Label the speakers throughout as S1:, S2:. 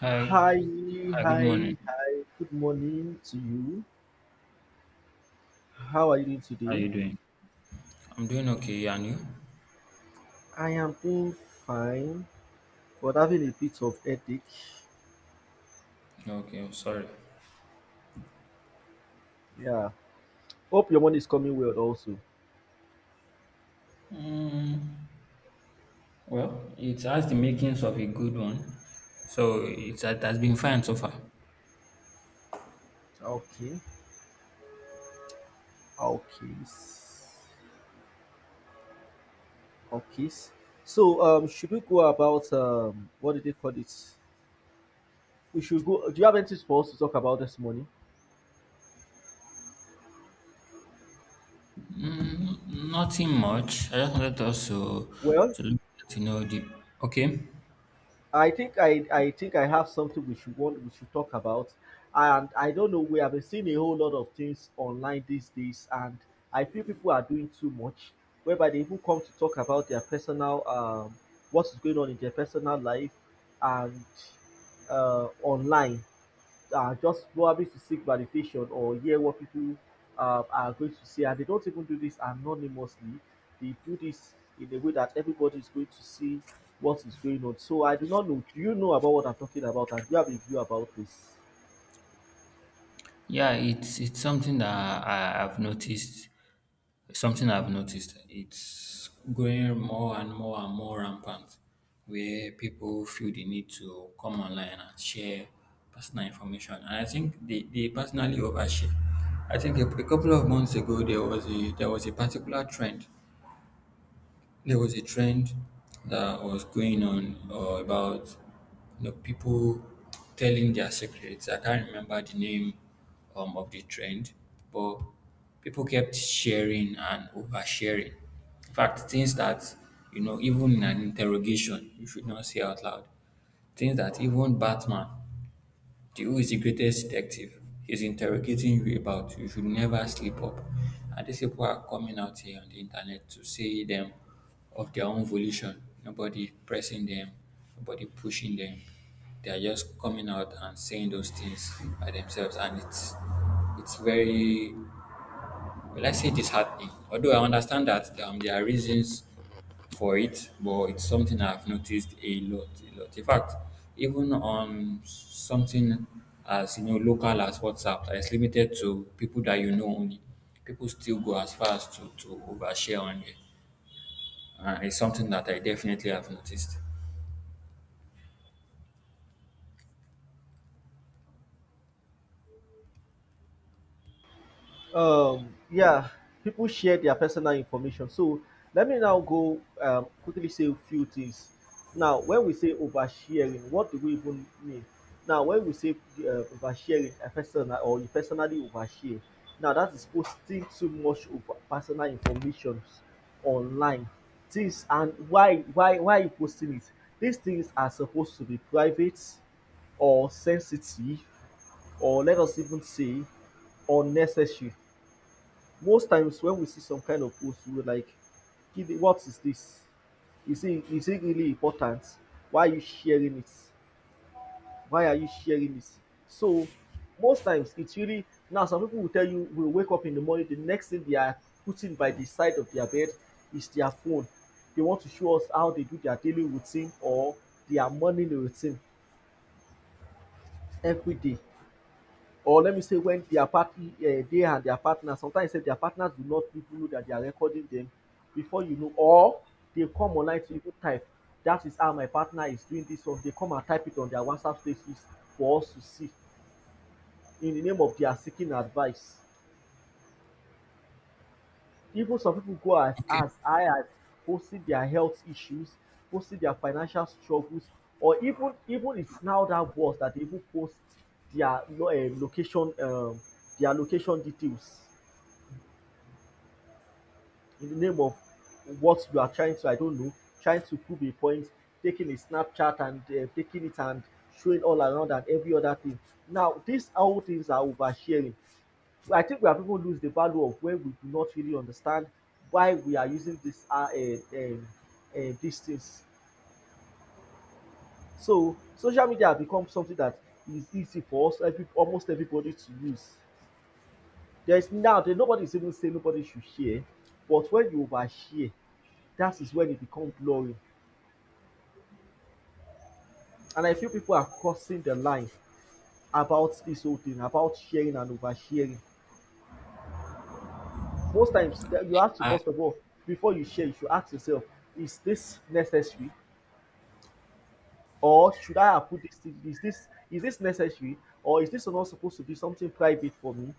S1: Hi.
S2: Hi,
S1: Hi, good morning.
S2: hi, good morning to you. How are you doing
S1: How are
S2: today?
S1: you doing? I'm doing okay, and you?
S2: I am doing fine, but having a bit of headache.
S1: Okay, I'm sorry.
S2: Yeah. Hope your money is coming well also.
S1: Mm, well, it has the makings of a good one. It has been fine so far.
S2: Okay. Okay. Okay. So should we go about what do they call it? We should go, do you have anything for us to talk about this morning?
S1: Nothing much. I just wanted us
S2: Well,
S1: to look at, you know, the, okay.
S2: I think I have something we should talk about, and I don't know, we have been seeing a whole lot of things online these days, and I feel people are doing too much, whereby they even come to talk about their personal what is going on in their personal life and online. Just probably to seek validation or hear what people are going to say. And they don't even do this anonymously. They do this in a way that everybody is going to see what is going on. So I do not know. Do you know about what I'm talking about? And do you have a view about this?
S1: Yeah, it's something that I've noticed. Something I've noticed, it's growing more and more and more rampant where people feel the need to come online and share personal information. And I think they personally overshare. I think a couple of months ago there was a particular trend there was a trend that was going on about you know people telling their secrets. I can't remember the name of the trend, but people kept sharing and oversharing. In fact, things that, you know, even in an interrogation, you should not say out loud. Things that even Batman the O is the greatest detective. He's interrogating you about you should never sleep up. And these people are coming out here on the internet to say them of their own volition. Nobody pressing them, nobody pushing them. They are just coming out and saying those things by themselves, and it's very Will I say disheartening? Although I understand that there are reasons for it, but it's something I've noticed a lot, a lot. In fact, even on something as, you know, local as WhatsApp that is limited to people that you know only, people still go as far as to overshare on it. It's something that I definitely have noticed.
S2: Yeah, people share their personal information. So let me now go quickly say a few things. Now, when we say oversharing, what do we even mean? Now, when we say oversharing, a person or you personally overshare, now that is posting too much of personal information online. Things, and why are you posting it? These things are supposed to be private or sensitive, or let us even say unnecessary. Most times when we see some kind of post, we will like, what is dis, is it really important, why are you sharing it, why are you sharing it? So most times it really, now some pipu will tell you, will wake up in the morning, the next thing they are putting by the side of their bed is their phone. They want to show us how they do their daily routine or their morning routine everyday. Or let me say when their party, they and their partner, sometimes sef their partners do not even know that they are recording them before you know, or they come online to even type, that is how my partner is doing this one, they come and type it on their WhatsApp status for us to see, in the name of their seeking advice. Even some people go as
S1: Okay.
S2: high as posting their health issues, posting their financial struggles, or even it's now that worse that they even post their lo location their location details, in the name of what you are trying to, I don't know, trying to prove a point, taking a Snapchat and taking it and showing all around and every other thing. Now, these all things are oversharing. So I think we have even lose the value of where we do not really understand why we are using this these things. So social media has become something that is easy for us, every, almost everybody to use. There's now that nobody is even saying nobody should share, but when you overshare, that is when it becomes blurry. And I feel people are crossing the line about this whole thing, about sharing and oversharing. Most times, you have to,
S1: I,
S2: first of all, before you share, you should ask yourself, is this necessary? Or should I have put this thing? Is this necessary? Or is this not supposed to be something private for me?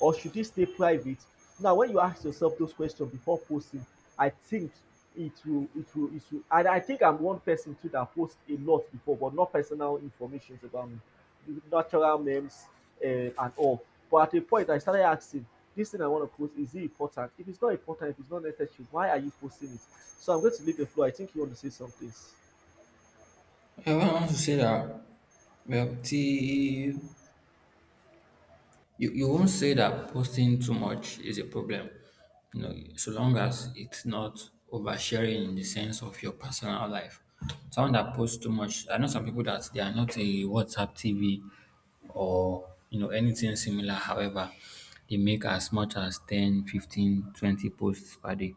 S2: Or should it stay private? Now, when you ask yourself those questions before posting, I think it will, and I think I'm one person too that posts a lot before, but not personal information about me, natural names and all. But at a point, I started asking, this thing I want to post, is it important? If it's not important, if it's not necessary, why are you posting it? So I'm going to leave the floor. I think you want to say some things.
S1: I want to say that well, the You won't say that posting too much is a problem, you know, so long as it's not oversharing in the sense of your personal life. Someone that posts too much, I know some people that they are not a WhatsApp TV or you know anything similar. However, they make as much as 10, 15, 20 posts per day.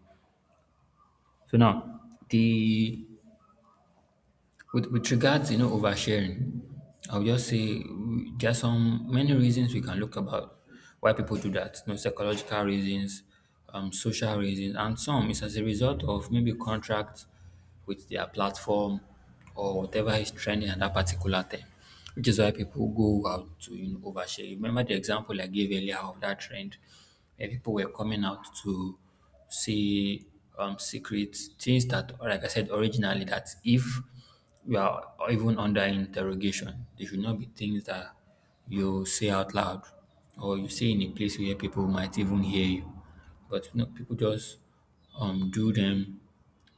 S1: So now the with regards, you know, oversharing, I'll just say mm, there are some many reasons we can look about why people do that. You know, psychological reasons, social reasons, and some is as a result of maybe contract with their platform or whatever is trending at that particular time, which is why people go out to, you know, overshare. Remember the example I gave earlier of that trend where people were coming out to say secret things that, like I said originally, that if you are even under interrogation, they should not be things that you say out loud or you say in a place where people might even hear you. But you know, people just do them,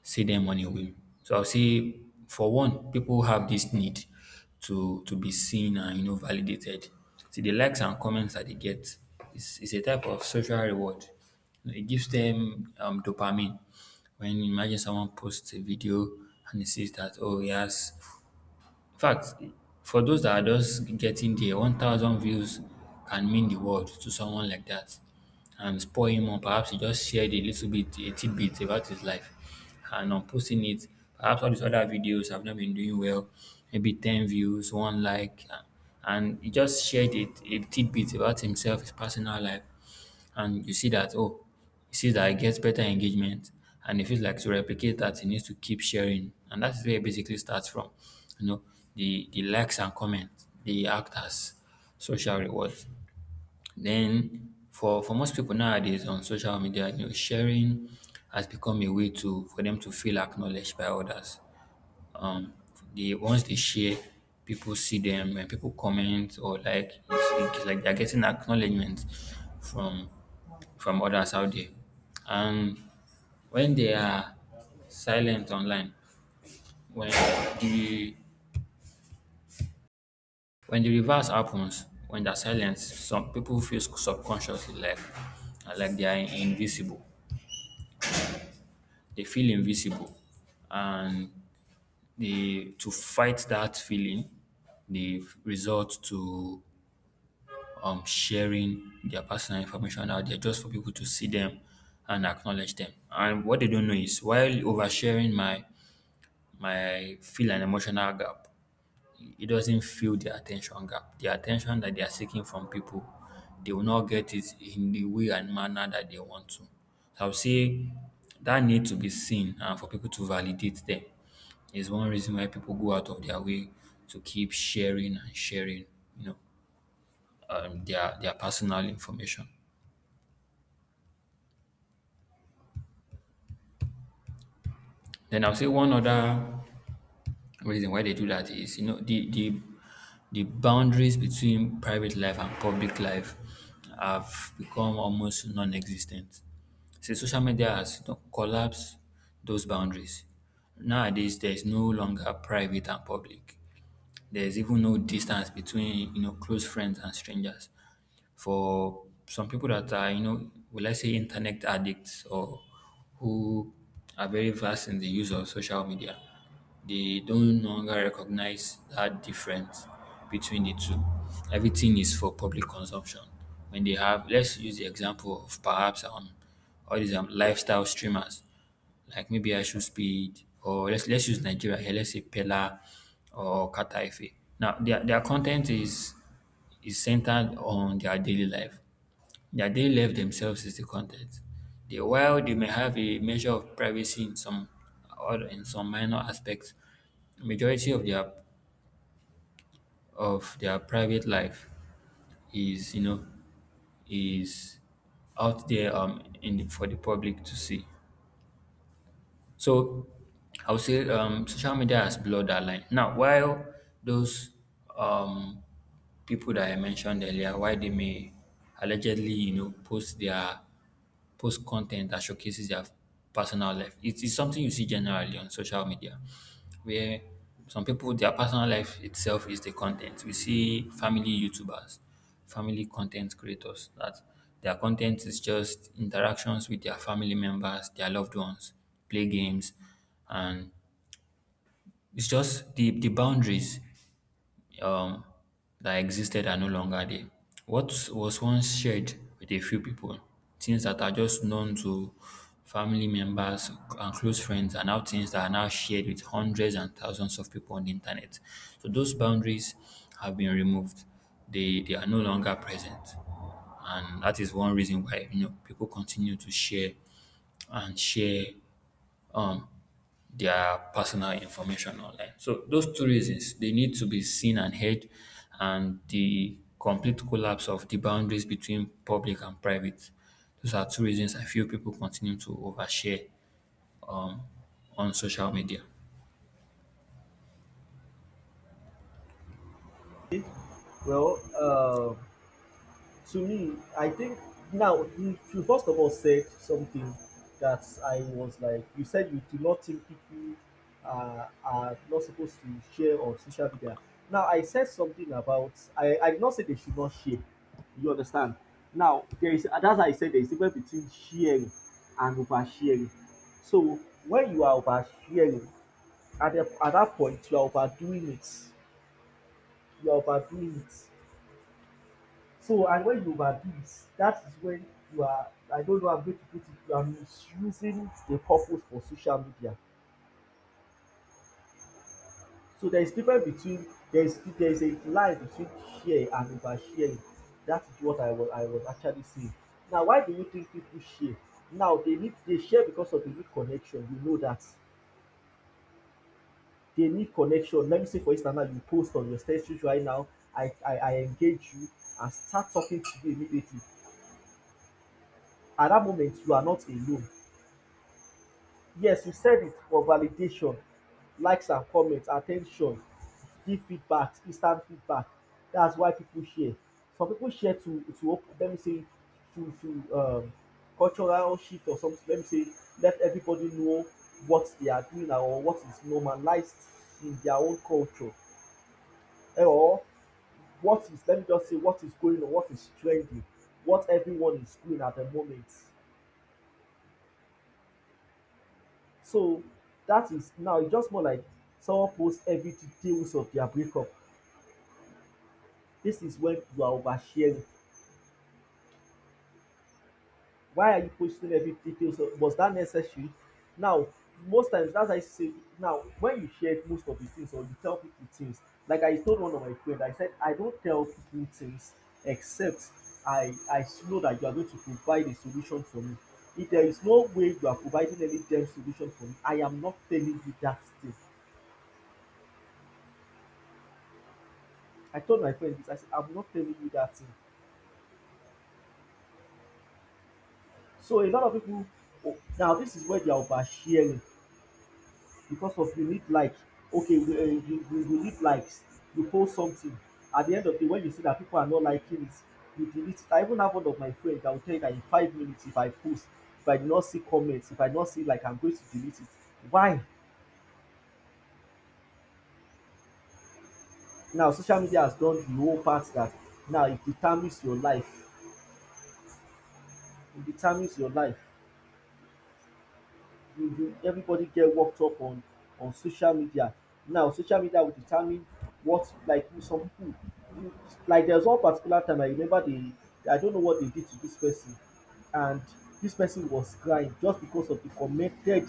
S1: say them on a whim. So I'll say, for one, people have this need to be seen and, you know, validated. See the likes and comments that they get is a type of social reward. It gives them dopamine. When you imagine someone posts a video and he sees that oh he has in fact, for those that are just getting there, 1,000 views can mean the world to someone like that and spur him on. Perhaps he just shared a little bit, a tidbit about his life and on posting it. Perhaps all these other videos have not been doing well, maybe 10 views, one like, and he just shared it, a tidbit about himself, his personal life and you see that oh he sees that he gets better engagement and he feels like to replicate that he needs to keep sharing and that is where it basically starts from, you know, the likes and comments they act as social rewards. Then for most people nowadays on social media, you know, sharing has become a way to for them to feel acknowledged by others. um the ones they share, people see them and people comment or like it's like they're getting acknowledgement from from others out there. And when they are silent online, when the when the reverse happens, when they're silent, some people feel subconsciously like they are invisible. They feel invisible, and they to fight that feeling, they resort to sharing their personal information out there just for people to see them and acknowledge them. And what they don't know is while oversharing my feel and emotional gap, it doesn't fill the attention gap. The attention that they are seeking from people, they will not get it in the way and manner that they want to. So I would say that need to be seen and for people to validate them is one reason why people go out of their way to keep sharing and sharing, you know, their personal information. Then I'll say one other reason why they do that is, you know, the boundaries between private life and public life have become almost non-existent. So social media has, you know, collapsed those boundaries. Nowadays, there is no longer private and public. There is even no distance between, you know, close friends and strangers for some people that are, you know, will I say internet addicts or who are very vast in the use of social media, they don't no longer recognize that difference between the two. Everything is for public consumption. When they have, let's use the example of perhaps all these lifestyle streamers, like maybe I should Speed or let's use Nigeria here, let's say Pella or Kataife. Now their content is centered on their daily life. Their daily life themselves is the content. They, while they may have a measure of privacy in some or in some minor aspects, majority of their private life is you know is out there in the, for the public to see. So I would say social media has blurred that line. Now, while those um, people that I mentioned earlier, why they may allegedly, you know, post their post content that showcases their personal life. It is something you see generally on social media, where some people their personal life itself is the content. We see family YouTubers family content creators that their content is just interactions with their family members, their loved ones, play games, and it's just the boundaries um, that existed are no longer there. What was once shared with a few people, things that are just known to family members and close friends, are now things that are now shared with hundreds and thousands of people on the internet. So those boundaries have been removed. They are no longer present, and that is one reason why, you know, people continue to share and share um, their personal information online. So those two reasons, they need to be seen and heard, and the complete collapse of the boundaries between public and private. Those are two reasons I feel people continue to overshare um, on social media.
S2: Well, to me, I think now you first of all said something that I was like, you said you do not think people are not supposed to share on social media. Now, I said something about, I did not say they should not share. You understand? Now, there is, that's how I said there is a difference between sharing and oversharing. So, when you are oversharing, at that point, you are overdoing it. You are overdoing it. So, and when you overdo it, that is when you are, I don't know how I'm going to put it, you are misusing the purpose for social media. So there is difference between, there is a line between share and oversharing. That is what I was actually saying. Now why do you think people share? Now they share because of the need connection. We know that they need connection. Let me say for instance now you post on your status right now, I engage you and start talking to you immediately. At that moment you are not alone. Yes, you said it for validation, likes and comments, attention, give feedback, instant feedback. That's why people share. Some people share let me say to cultural shift or something. Let me say let everybody know what they are doing or what is normalized in their own culture, eh, or what is, let me just say, what is going on, what is trending, what everyone is doing at the moment. So that is, now it's just more like someone posts every details of their breakup. This is when you are oversharing. Why are you posting every details? Of, was that necessary? Now, most times, that's why I say, now when you share most of the things or you tell people things, like I told one of my friends, I said I don't tell people things except I know that you are going to provide a solution for me. If there is no way you are providing any damn solution for me, I am not telling you that thing. I told my friend this. I said, I'm not telling you that thing. So a lot of people, oh, now this is where they are oversharing, because of you need like, okay, you need likes, you post something, at the end of the day when you see that people are not liking it, you delete it. I even have one of my friends that will tell you that in 5 minutes if I post, if I do not see comments, if I do not see like, I'm going to delete it. Why? Now social media has done the whole part that now it determines your life, it determines your life. you you, everybody get worked up on social media. Now social media will determine what, like some people, you, like there's one particular time, I remember they, I don't know what they did to this person, and this person was crying just because of the commented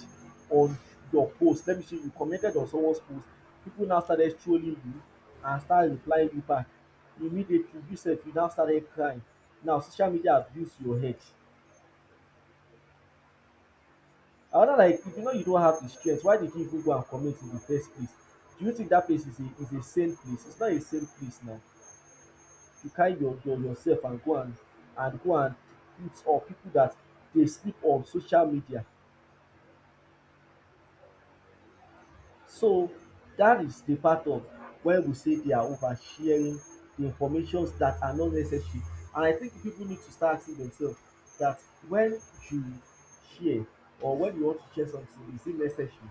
S2: on your post. Let me see, you commented on someone's post, people now started trolling you and start replying you back, immediately you sef you now started crying. Now social media abuse your head. Another na, if you know you don't have the strength, why did you even go and commit in the first place? Do you think that place is a sane place? It's not a sane place now. You carry your yourself and go and eat up people that dey sleep on social media. So dat is the part of when we say they are oversharing, the informations that are not necessary, and I think people need to start asking themselves that when you share or when you want to share something, is it necessary?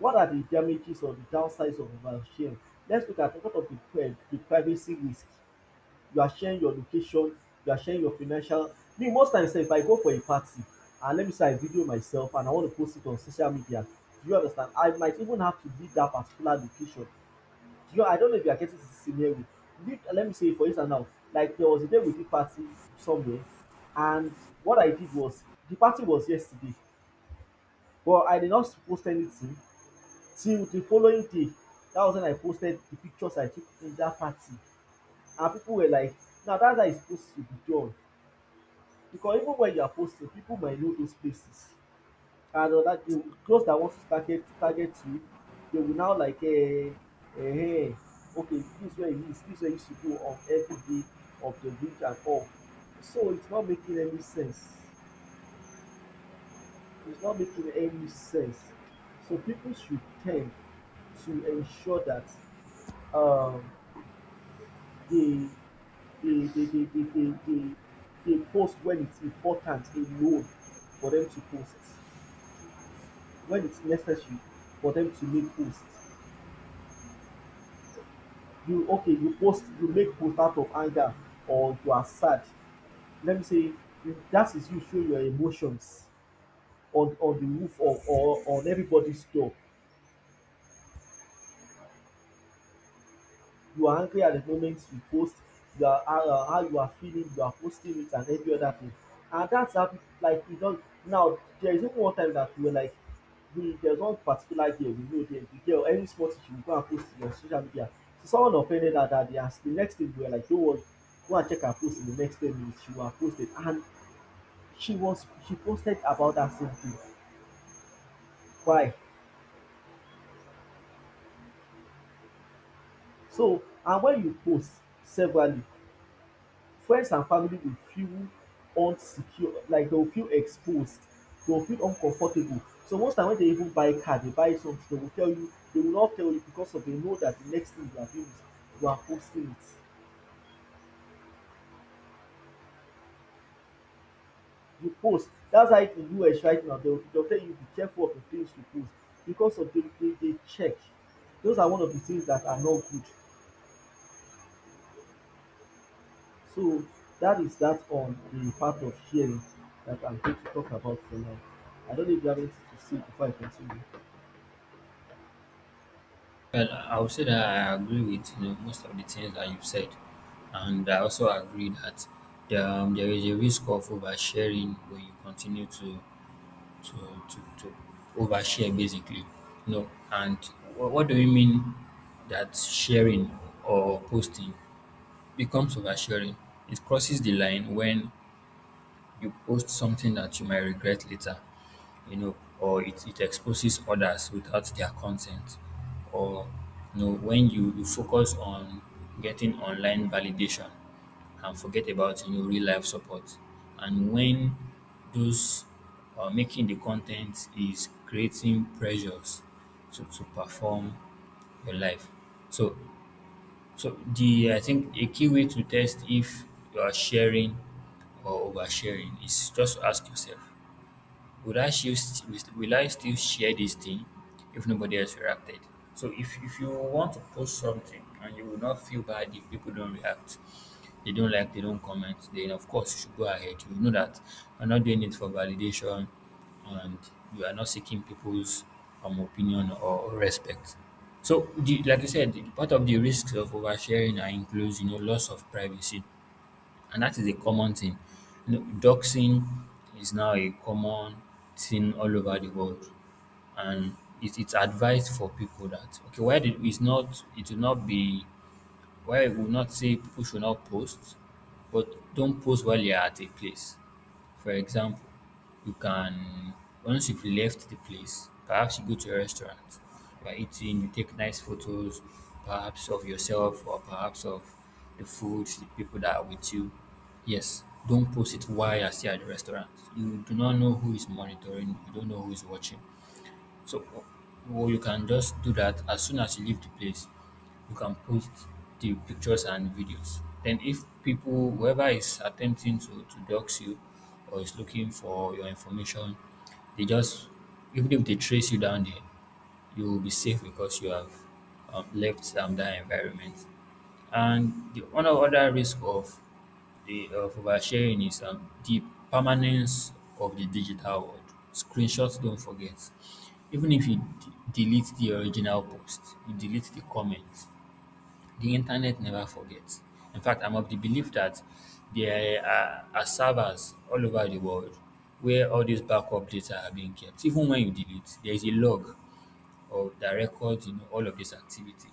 S2: What are the damages or the downsides of oversharing? Let's look at what of the pri the privacy risk. You are sharing your location, you are sharing your financial. Me, most times, sef, if I go for a party and let me say I video myself and I want to post it on social media, do you understand? I might even have to leave that particular location. Do you, I don't know if you are getting the scenario. Leave, let me say, for instance, now, like there was a day we did party somewhere, and what I did was, the party was yesterday, but I did not post anything till the following day. That was when I posted the pictures I took in that party, and people were like, "Now that's how it's supposed to be done." Because even when you are posting, people might know those places and other thing those that want to target you, they will now um okay this is where he is, this is where he should go on every day of the week and all. So it's not making any sense. It's not making any sense. So people should tend to ensure that um they they they they they they they they post when it's important alone for them to post, when it's necessary for them to make post. You okay, you post, you make post out of anger or you are sad. Let me say that is you show your emotions on the roof of or on everybody's door. You are angry at the moment you post, you are how you are, how you are feeling, you are posting it and every other thing. And that's how people like it don. Now there is even one time that we were like we there's one particular girl we know there. The girl, every small thing she go and post it on social media. So someone offended her that day, and the next day we were like, don't worry, go and check her post in the next 10 minutes she would have posted, and she posted about that same thing. Why? So and when you post severally, friends and family go feel unsecure, like dem go feel exposed, dem go feel uncomfortable. So most times when dem even buy car, dey buy something, dem go just tell you because of dem know that the next thing you are doing is you are posting it. You post. That's why in US right now dem go tell you be careful of the things you post because of dem dey check. Those are one of the things that are not good. So that is that on the part of sharing that I'm going to talk about for now. I don't know if you have anything to say before I continue.
S1: Well, I would say that I agree with, you know, most of the things that you've said, and I also agree that there, there is a risk of oversharing when you continue to to overshare basically. No, and what do you mean that sharing or posting becomes oversharing? It crosses the line when you post something that you might regret later, you know, or it exposes others without their consent, or you know, when you focus on getting online validation and forget about, you know, real life support, and when those making the content is creating pressures to perform your life. So so the I think a key way to test if you are sharing or oversharing is just to ask yourself would I will I still share this thing if nobody else reacted? So if you want to post something and you will not feel bad if people don't react, they don't like, they don't comment, then of course you should go ahead. You know that you're not doing it for validation and you are not seeking people's opinion or respect. So, the, like you said, part of the risks of oversharing are includes, you know, loss of privacy and that is a common thing. You know, doxing is now a common thing all over the world, and it's advised for people that okay, why did it's not it will not be where it will not say people should not post, but don't post while you're at a place. For example, you can once you've left the place, perhaps you go to a restaurant, you're eating, you take nice photos, perhaps of yourself or perhaps of the food, the people that are with you. Yes, don't post it while you're still at the restaurant. You do not know who is monitoring, you don't know who is watching. So, or you can just do that as soon as you leave the place. You can post the pictures and videos. Then, if people, whoever is attempting to dox you or is looking for your information, they just, even if they trace you down there, you will be safe because you have left that environment. And the one other risk of the of oversharing is, the permanence of the digital world. Screenshots don't forget. Even if you delete the original post, you delete the comment. The internet never forgets. In fact, I'm of the belief that there are servers all over the world where all these backup data are being kept. Even when you delete, there is a log of that records, you know, all of this activity.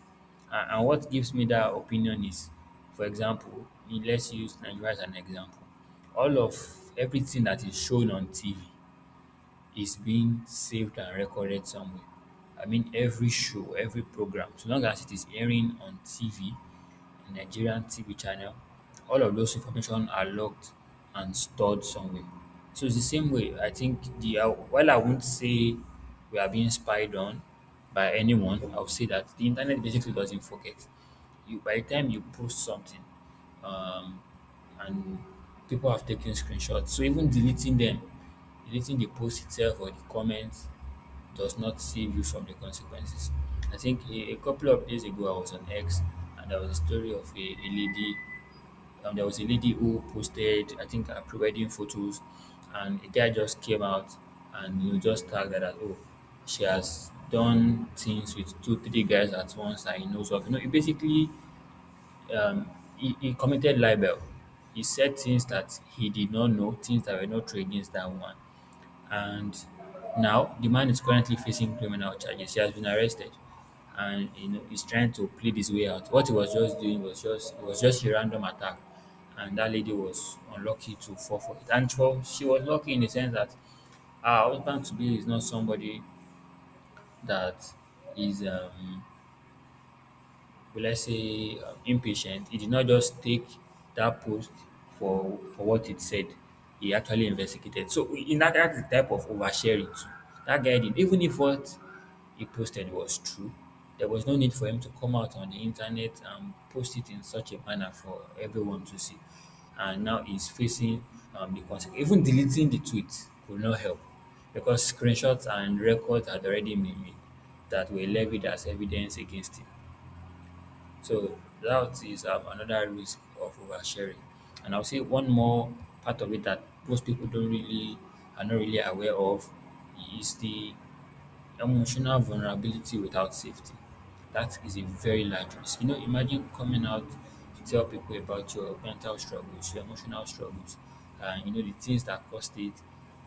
S1: And, what gives me that opinion is, for example, let's use Nigeria as an example. All of everything that is shown on TV is being saved and recorded somewhere. I mean, every show, every program, so long as it is airing on TV, a Nigerian TV channel, all of those information are locked and stored somewhere. So it's the same way. I think the, while I won't say we are being spied on by anyone, I'll say that the internet basically doesn't forget. You By the time you post something, um, and people have taken screenshots, so even deleting the post itself or the comment does not save you from the consequences. I think a, couple of days ago I was on X and there was a story of a, lady. There was a lady who posted, I think, her pre-wedding photos, and a guy just came out and, you know, just tagged her that, oh, she has done things with two, three guys at once that he knows of. You know, it basically, um, he, committed libel. He said things that he did not know, things that were not true against that woman. And now the man is currently facing criminal charges. He has been arrested, and you know he's trying to plead his way out. What he was just doing was just, a random attack, and that lady was unlucky to fall for it. And for she was lucky in the sense that her husband to be is not somebody that is will, I say, impatient. He did not just take that post for what it said. He actually investigated. So in that's the type of oversharing too. That guy did, even if what he posted was true, there was no need for him to come out on the internet and post it in such a manner for everyone to see. And now he's facing, the consequence. Even deleting the tweet could not help because screenshots and records had already been made that were levied as evidence against him. So that is, another risk of oversharing. And I'll say one more part of it that most people don't really are not really aware of is the emotional vulnerability without safety. That is a very large risk. You know, imagine coming out to tell people about your mental struggles, your emotional struggles, and you know the things that caused it,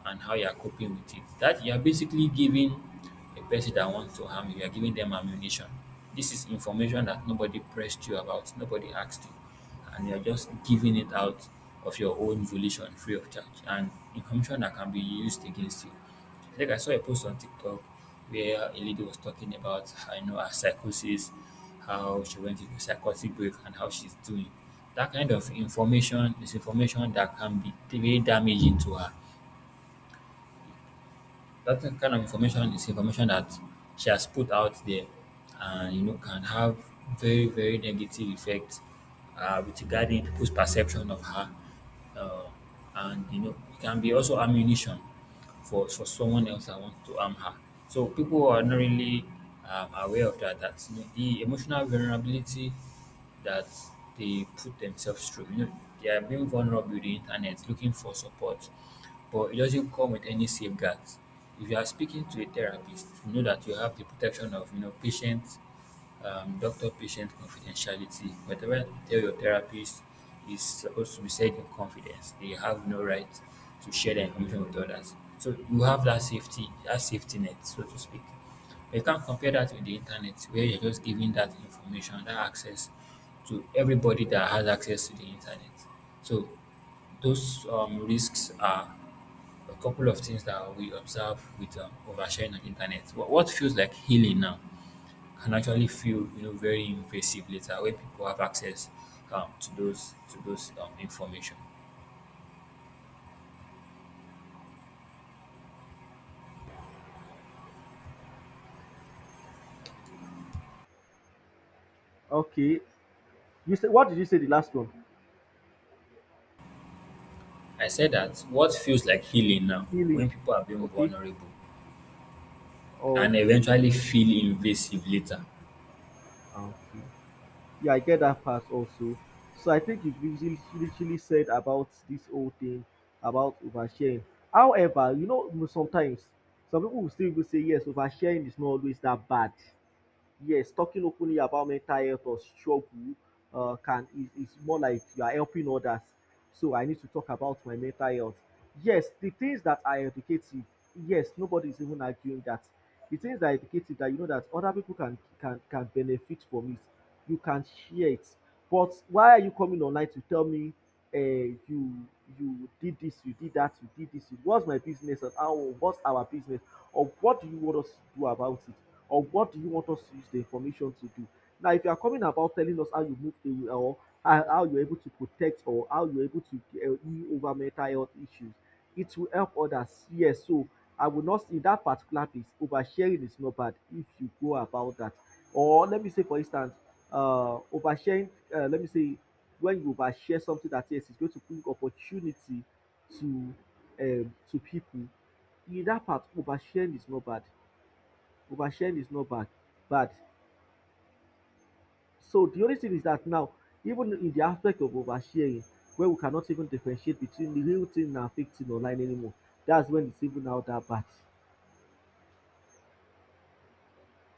S1: and how you are coping with it. That you are basically giving a person that wants to harm you, you are giving them ammunition. This is information that nobody pressed you about, nobody asked you, and you are just giving it out of your own volition, free of charge, and information that can be used against you. Like I saw a post on TikTok where a lady was talking about, I know, her psychosis, how she went into a psychotic break, and how she's doing. That kind of information is information that can be very damaging to her, that kind of information is information that she has put out there, and you know can have very, very negative effects, with regarding people's perception of her, uh, and you know it can be also ammunition for someone else that wants to harm her. So people are not really, aware of that, you know, the emotional vulnerability that they put themselves through. You know, they are being vulnerable to the internet, looking for support, but it doesn't come with any safeguards. If you are speaking to a therapist, you know that you have the protection of, you know, patient, doctor-patient confidentiality. Whatever you tell your therapist is supposed to be said in confidence. They have no right to share the information with others. So you have that safety net, so to speak. You can't compare that with the internet where you're just giving that information, that access to everybody that has access to the internet. So those, risks are a couple of things that we observe with, oversharing on the internet. What, feels like healing now can actually feel, you know, very invasive later when people have access, to those, information.
S2: Okay. You said, what did you say the last one?
S1: I said that what feels like healing now when
S2: Healing.
S1: people are being
S2: Okay.
S1: vulnerable and
S2: Okay.
S1: eventually feel invasive later.
S2: Okay. Yeah, I get that part also. So I think you've literally said about this whole thing about oversharing. However, you know sometimes some people will still even say yes, oversharing is not always that bad. Yes, talking openly about mental health or struggle can is more like you are helping others. So I need to talk about my mental health. Yes, the things that are educative. Yes, nobody is even arguing that. The things that are educative that you know that other people can benefit from it, you can share it. But why are you coming online to tell me, uh, you you did this, you did that, you did this. What's my business and how? What's our business? Or what do you want us to do about it? Or what do you want us to use the information to do? Now, if you are coming about telling us how you moved away or how you're able to protect or how you're able to heal over mental health issues, it will help others. Yes, so I will not, in that particular place, oversharing is not bad if you go about that. Or let me say, for instance, oversharing. Let me say, when you overshare something that yes, it's going to bring opportunity to to people. In that part, oversharing is not bad. So the only thing is that now, even in the aspect of oversharing where we cannot even differentiate between the real thing and fake thing online anymore, that's when it's even now that bad.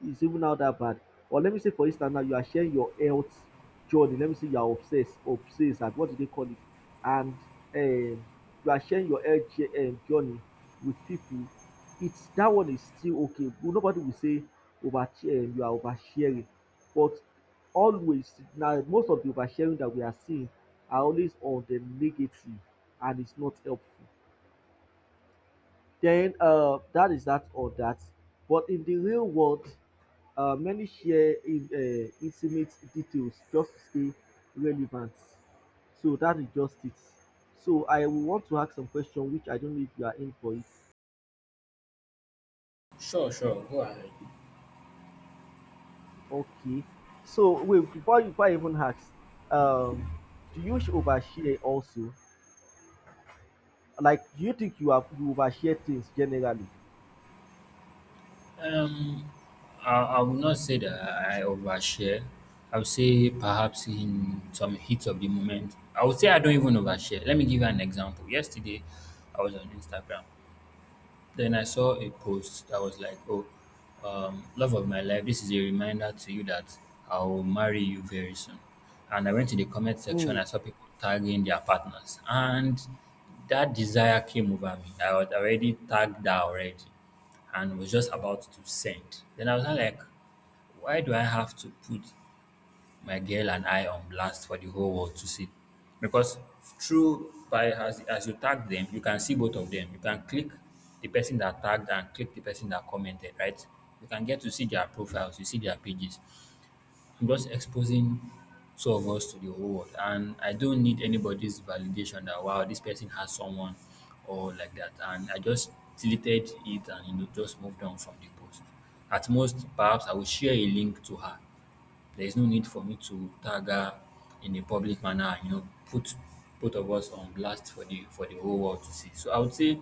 S2: Is even now that bad. Or let me say, for instance, now you are sharing your health journey. Let me say you are obsessed, and what do they call it? And um, you are sharing your health journey with people. It's that one is still okay. But nobody will say over you are oversharing, but always now most of the oversharing that we are seeing are always on the negative, and it's not helpful. Then that is that or that. But in the real world, many share in, intimate details just to stay relevant. So that is just it. So I will want to ask some question which I don't know if you are in for it.
S1: Sure, sure. Go ahead.
S2: Okay. So wait, before I even ask, um, do overshare also? Like, do you think you overshare things generally?
S1: Um, I will not say that I overshare. I would say perhaps in some heat of the moment. I would say I don't even overshare. Let me give you an example. Yesterday, I was on Instagram. Then I saw a post that was like, "Oh, love of my life, this is a reminder to you that I'll marry you very soon." And I went to the comment section.
S2: Mm.
S1: I saw people tagging their partners, and that desire came over me. I was already tagged that already, and was just about to send. Then I was not like, "Why do I have to put my girl and I blast for the whole world to see." Because through by as you tag them, you can see both of them. You can click the person that tagged and click the person that commented, right? You can get to see their profiles, you see their pages. I'm just exposing two of us to the whole world. And I don't need anybody's validation that, wow, this person has someone or like that. And I just deleted it and, you know, just moved on from the post. At most, perhaps I will share a link to her. There is no need for me to tag her in a public manner, you know, put both of us on blast for the whole world to see. So I would say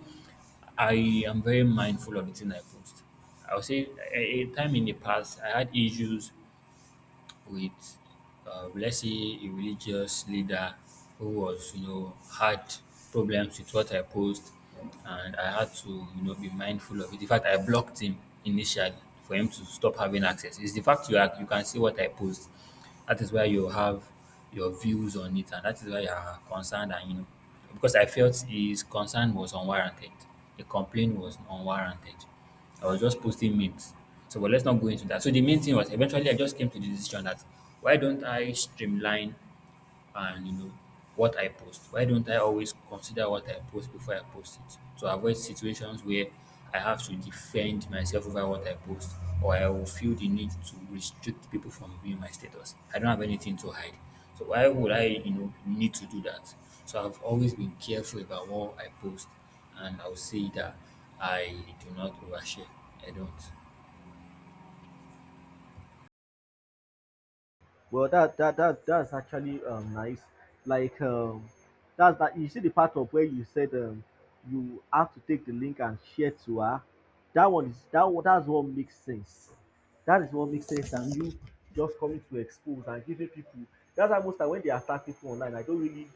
S1: I am very mindful of the thing I post. I would say a, time in the past I had issues with, let's say, a religious leader who was, you know, had problems with what I post, and I had to, you know, be mindful of it. In fact, I blocked him initially for him to stop having access. It's the fact you are, you can see what I post. That is why you have your views on it, and that is why you are concerned, and you know, because I felt his concern was unwarranted, the complaint was unwarranted. I was just posting memes. So, but let's not go into that. So the main thing was eventually I just came to the decision that why don't I streamline and, you know, what I post. Why don't I always consider what I post before I post it to avoid situations where I have to defend myself over what I post or I will feel the need to restrict people from viewing my status. I don't have anything to hide. So why would I, you know, need to do that? So I've always been careful about what I post, and I'll say that I do not overshare. I don't.
S2: Well, that's actually nice. Like, that's that. You see the part of where you said, you have to take the link and share to her. That one is that one. That's what makes sense. That is what makes sense. And you just coming to expose and giving people. That's why most time when they attack people online, I don't really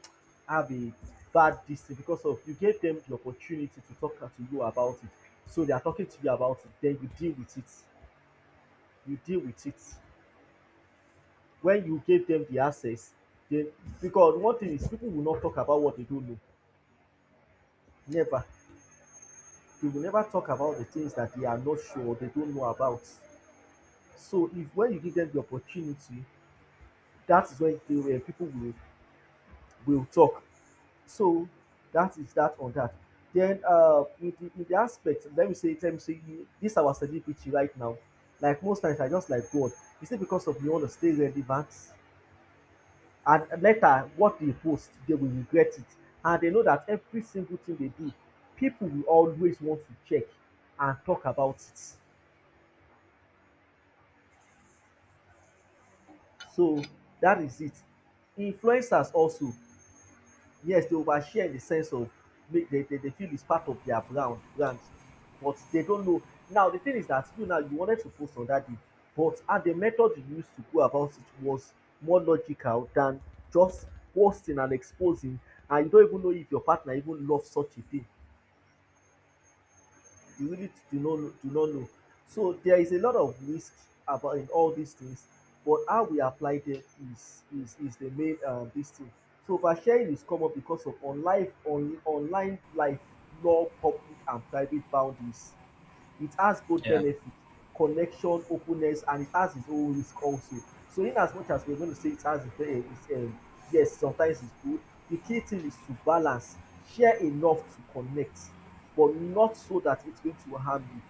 S2: have a bad distance because of you gave them the opportunity to talk to you about it. So they are talking to you about it. Then you deal with it. You deal with it when you give dem the access. Dem, because one thing is people will not talk about what they don't know, never. They will never talk about the things that they are not sure or they don't know about. So if when you give them the opportunity, that is when they will people will talk. So that is that on that. Then in the aspect, let me say this our celebrity right now, like most times I just like god, is it because of you want to stay relevant and later what dey post they will regret it, and they know that every single thing they do people will always want to check and talk about it. So that is it. Influencers also, yes, dey overshare in the sense of make dem dey feel it's part of their brand, but they don't know. Now the thing is that you wanted to post on that day, but how the method you used to go about it was more logical than just posting and exposing, and you don't even know if your partner even love such a thing. You really do not know. So there is a lot of risk about in all these things, but how we apply them is the main dis thing. So oversharing is common because of online life, law public and private boundaries. It has both
S1: Yeah.
S2: benefit, connection, openness, and it has its own risk also. So in as much as we're going to say it has its, its yes, sometimes it's good. The key thing is to balance, share enough to connect, but not so that it's going to harm you.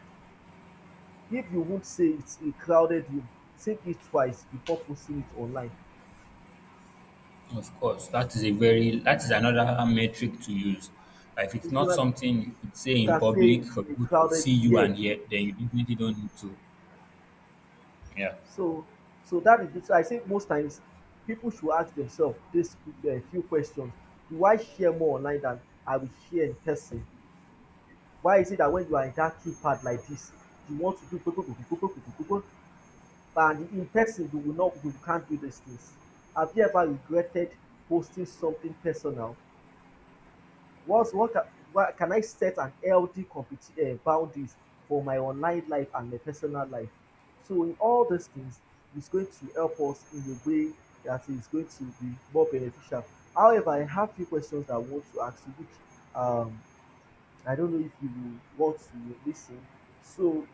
S2: If you won't say it's a crowded room, think it twice before posting it online.
S1: Of course, that is a very, that is another metric to use. Like, if it's
S2: If you,
S1: not
S2: like,
S1: something you could say
S2: you
S1: in
S2: can say
S1: public
S2: it's
S1: for
S2: a
S1: people to
S2: crowded,
S1: see you
S2: yes.
S1: and hear, then you definitely don't need to. Yeah.
S2: So, so that is it. So I say most times people should ask themselves this few questions. Do I share more online than I will share in person? Why is it that when you are in that keypad like this, you want to do go, and in person you will not you can't do these things? Have you ever regretted posting something personal? What's, what, can, what can I set an healthy boundaries for my online life and my personal life? So in all these things, it's going to help us in a way that is going to be more beneficial. However, I have few questions that I want to ask you, which um, I don't know if you will want to lis ten. So,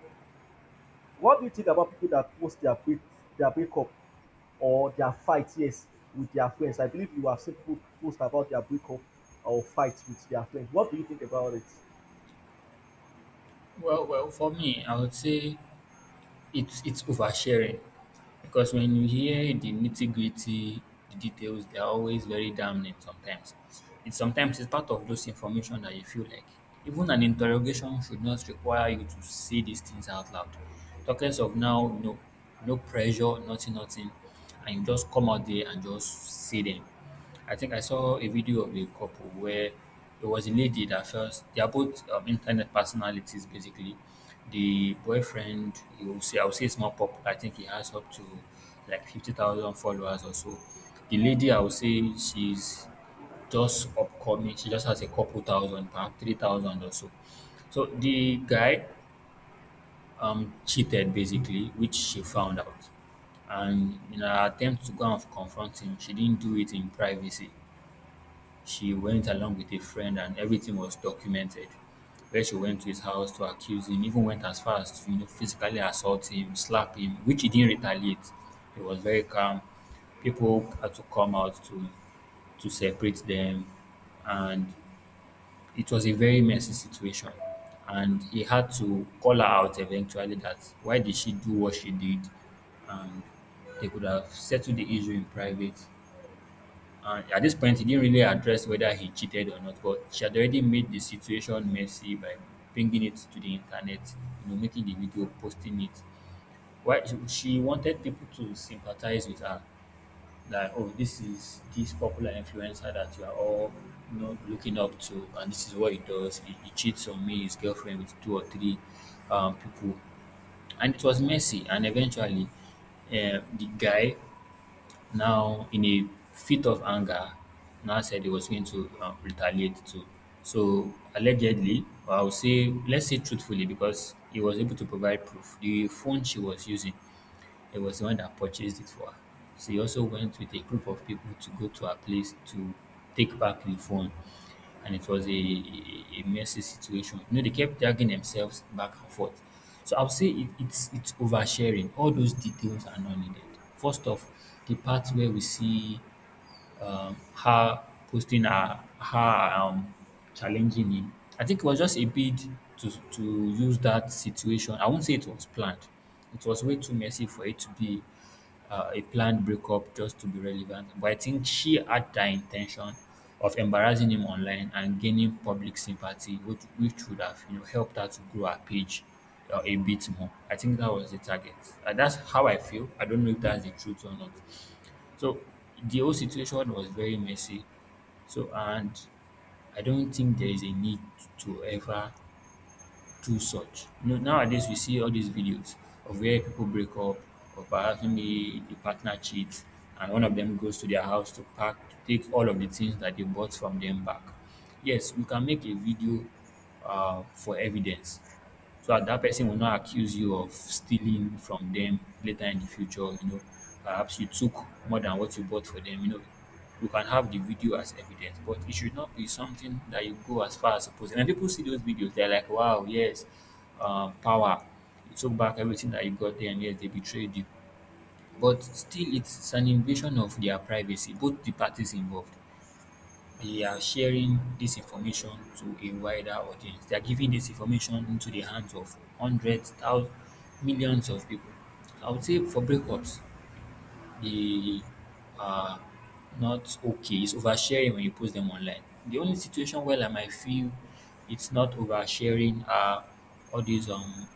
S2: what do you think about people that post their break their breakup or their fight, yes, with their friends? I believe you have seen people post about their breakup or fight with their friends. What do you think about it?
S1: Well, well, for me, I would say it's oversharing because when you hear the nitty gritty, the details, they're always very damning sometimes. It's sometimes it's part of those information that you feel like even an interrogation should not require you to say these things out loud. Talk less of now, you know, no pressure, nothing, nothing, and you just come out there and just say them. I think I saw a video of a couple where it was a lady that first, they are both, internet personalities basically. The boyfriend, you will see, I would say it's more popular. I think he has up to like 50,000 followers or so. The lady, I would say she's just upcoming. She just has a couple thousand, perhaps 3,000 or so. So the guy cheated basically, which she found out. And in her attempt to go and confront him, she didn't do it in privacy, she went along with a friend and everything was documented, where she went to his house to accuse him, even went as far as to, physically assault him, slap him, which he didn't retaliate. He was very calm. People had to come out to separate them, and it was a very messy situation. And he had to call her out eventually, that why did she do what she did, and they could have settled the issue in private. At this point, he didn't really address whether he cheated or not, but she had already made the situation messy by bringing it to the internet, making the video, posting it. Why she wanted people to sympathize with her, that oh, this is this popular influencer that you are all, looking up to, and this is what he does. He cheats on me, his girlfriend, with two or three people, and it was messy. And eventually, the guy, now in a fit of anger, now said he was going to retaliate too. So allegedly, or I would say, let's say truthfully, because he was able to provide proof. The phone she was using, it was the one that purchased it for her. She also went with a group of people to go to her place to take back the phone, and it was a messy situation. You know, they kept dragging themselves back and forth. So I'll say it's oversharing. All those details are not needed. First off, the part where we see her posting her challenging him. I think it was just a bid to use that situation. I won't say it was planned. It was way too messy for it to be a planned breakup just to be relevant. But I think she had the intention of embarrassing him online and gaining public sympathy, which, would have helped her to grow her page a bit more. I think that was the target. That's how I feel. I don't know if that's the truth or not. So the whole situation was very messy. So and I don't think there is a need to ever do such. You know, nowadays we see all these videos of where people break up, or perhaps maybe the partner cheats, and one of them goes to their house to pack, to take all of the things that they bought from them back. Yes, we can make a video for evidence, so that that person will not accuse you of stealing from them later in the future. You know, perhaps you took more than what you bought for them. You know, you can have the video as evidence, but it should not be something that you go as far as supposing. And people see those videos, they're like, wow, yes, power. You took back everything that you got there, and yes, they betrayed you. But still, it's an invasion of their privacy. Both the parties involved, they are sharing this information to a wider audience. They are giving this information into the hands of hundreds, thousands, millions of people. I would say for breakups, they are not okay, it's oversharing when you post them online. The only situation where, like, I might feel it's not oversharing are all these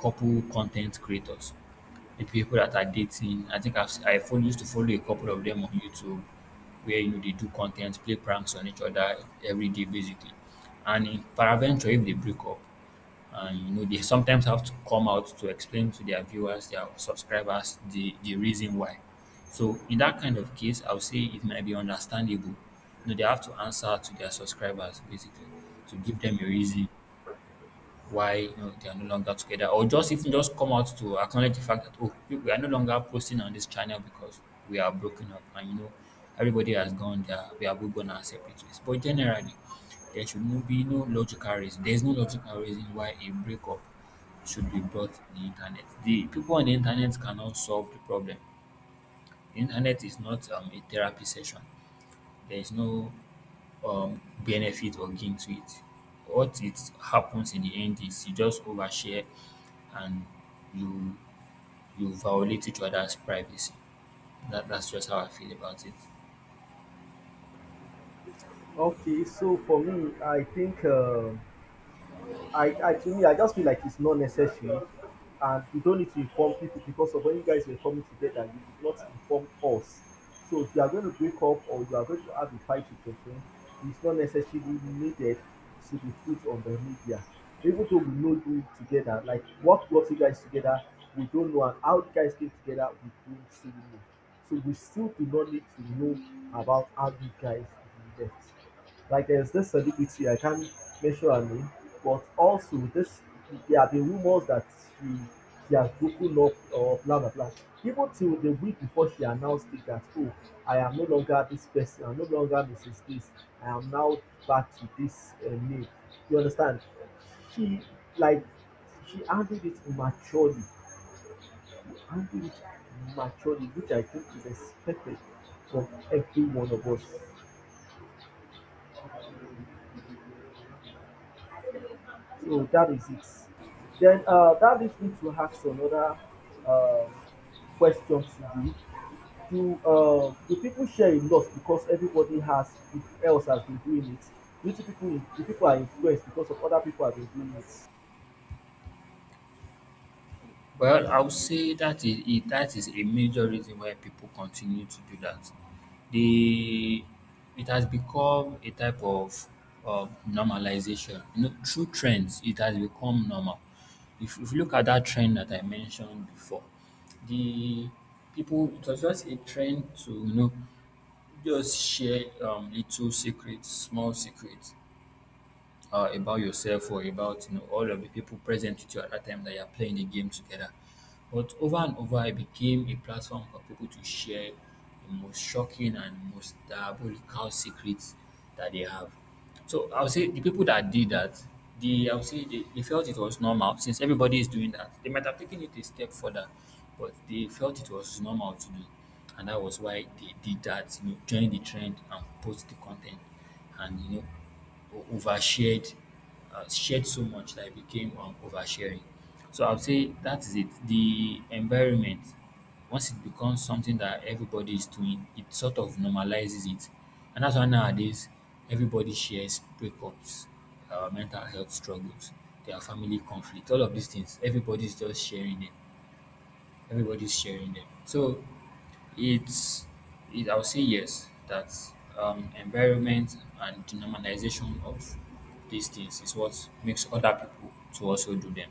S1: couple content creators, the people that are dating. I think used to follow a couple of them on YouTube, where you know they do content, play pranks on each other every day basically. And in paraventure, if they break up, and you know they sometimes have to come out to explain to their viewers, their subscribers, the reason why. So in that kind of case, I'll say it might be understandable. You know, they have to answer to their subscribers basically, to give them a reason why, you know, they are no longer together, or just even just come out to acknowledge the fact that oh, we are no longer posting on this channel because we are broken up, and you know, everybody has gone there. We are both gone our separate ways. But generally, there should no logical reason. There is no logical reason why a breakup should be brought to the internet. The people on the internet cannot solve the problem. The internet is not a therapy session. There is no benefit or gain to it. What it happens in the end is you just overshare, and you you violate each other's privacy. That's just how I feel about it.
S2: Okay, so for me, I think I to me, I just feel like it's not necessary, and you don't need to inform people because of when you guys were coming together, you did not inform us. So if you are going to break up or you are going to have a fight with your friend, it's not necessarily needed to be put on the media. Even though we know you together, like what brought you guys together we don't know, and how you guys came together we don't still know. So we still do not need to know about how you guys left. Like there's this celebrity I can't mention her name, but also this, there have been rumors that she she has broken up or blah blah blah. Even till the week before she announced it that oh, I am no longer this person, I'm no longer Mrs. This, I am now back to this name. You understand? She Like she handled it maturely, handled it which I think is expected from every one of us. So that is it. Then that leads me to ask another um, question to you. Do people share a lot because everybody has else has been doing it? Do people are influenced because of other people have been doing it?
S1: Well, I would say that is it, that is a major reason why people continue to do that. They It has become a type of normalization. You know, through trends, it has become normal. If you look at that trend that I mentioned before, the people, it was just a trend to just share little secrets, small secrets about yourself, or about, you know, all of the people present with you at that time that you are playing the game together, but over and over, it became a platform for people to share the most shocking and most diabolical secrets that they have. So I would say the people that did that, the I would say they felt it was normal since everybody is doing that. They might have taken it a step further, but they felt it was normal to do. And that was why they did that, you know, join the trend and post the content, and you know, overshared, shared so much that it became, oversharing. So I would say that is it. The environment, once it becomes something that everybody is doing, it sort of normalizes it. And that's why nowadays everybody shares breakups, mental health struggles, their family conflict, all of these things. Everybody's sharing them. So it's it, I'll say yes, that environment and the normalization of these things is what makes other people to also do them.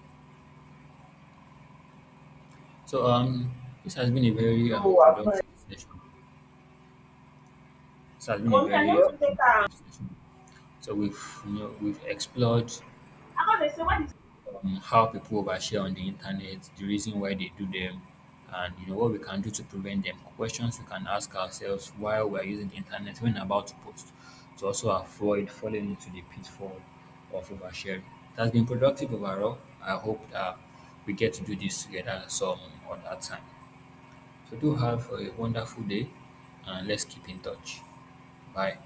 S1: So this has been a very
S2: No, I've
S1: productive
S2: not.
S1: session. This has been a
S2: But me, I don't
S1: very
S2: well, take that.
S1: productive session. So we've, you know, we've explored
S2: I'm going to say, what is.
S1: how people overshare on the internet, the reason why they do them, and you know what we can do to prevent them. Questions we can ask ourselves while we're using the internet when about to post, to also avoid falling into the pitfall of oversharing. It has been productive overall. I hope that we get to do this together some other time. So do have a wonderful day, and let's keep in touch. Bye.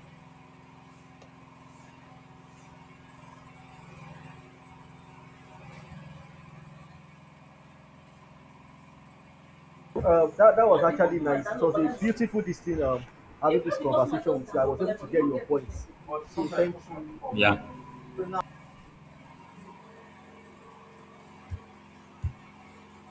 S2: That, was actually nice. It was a beautiful this thing, having this conversation with you. I was able to get your points. So sometimes thank people.
S1: Yeah.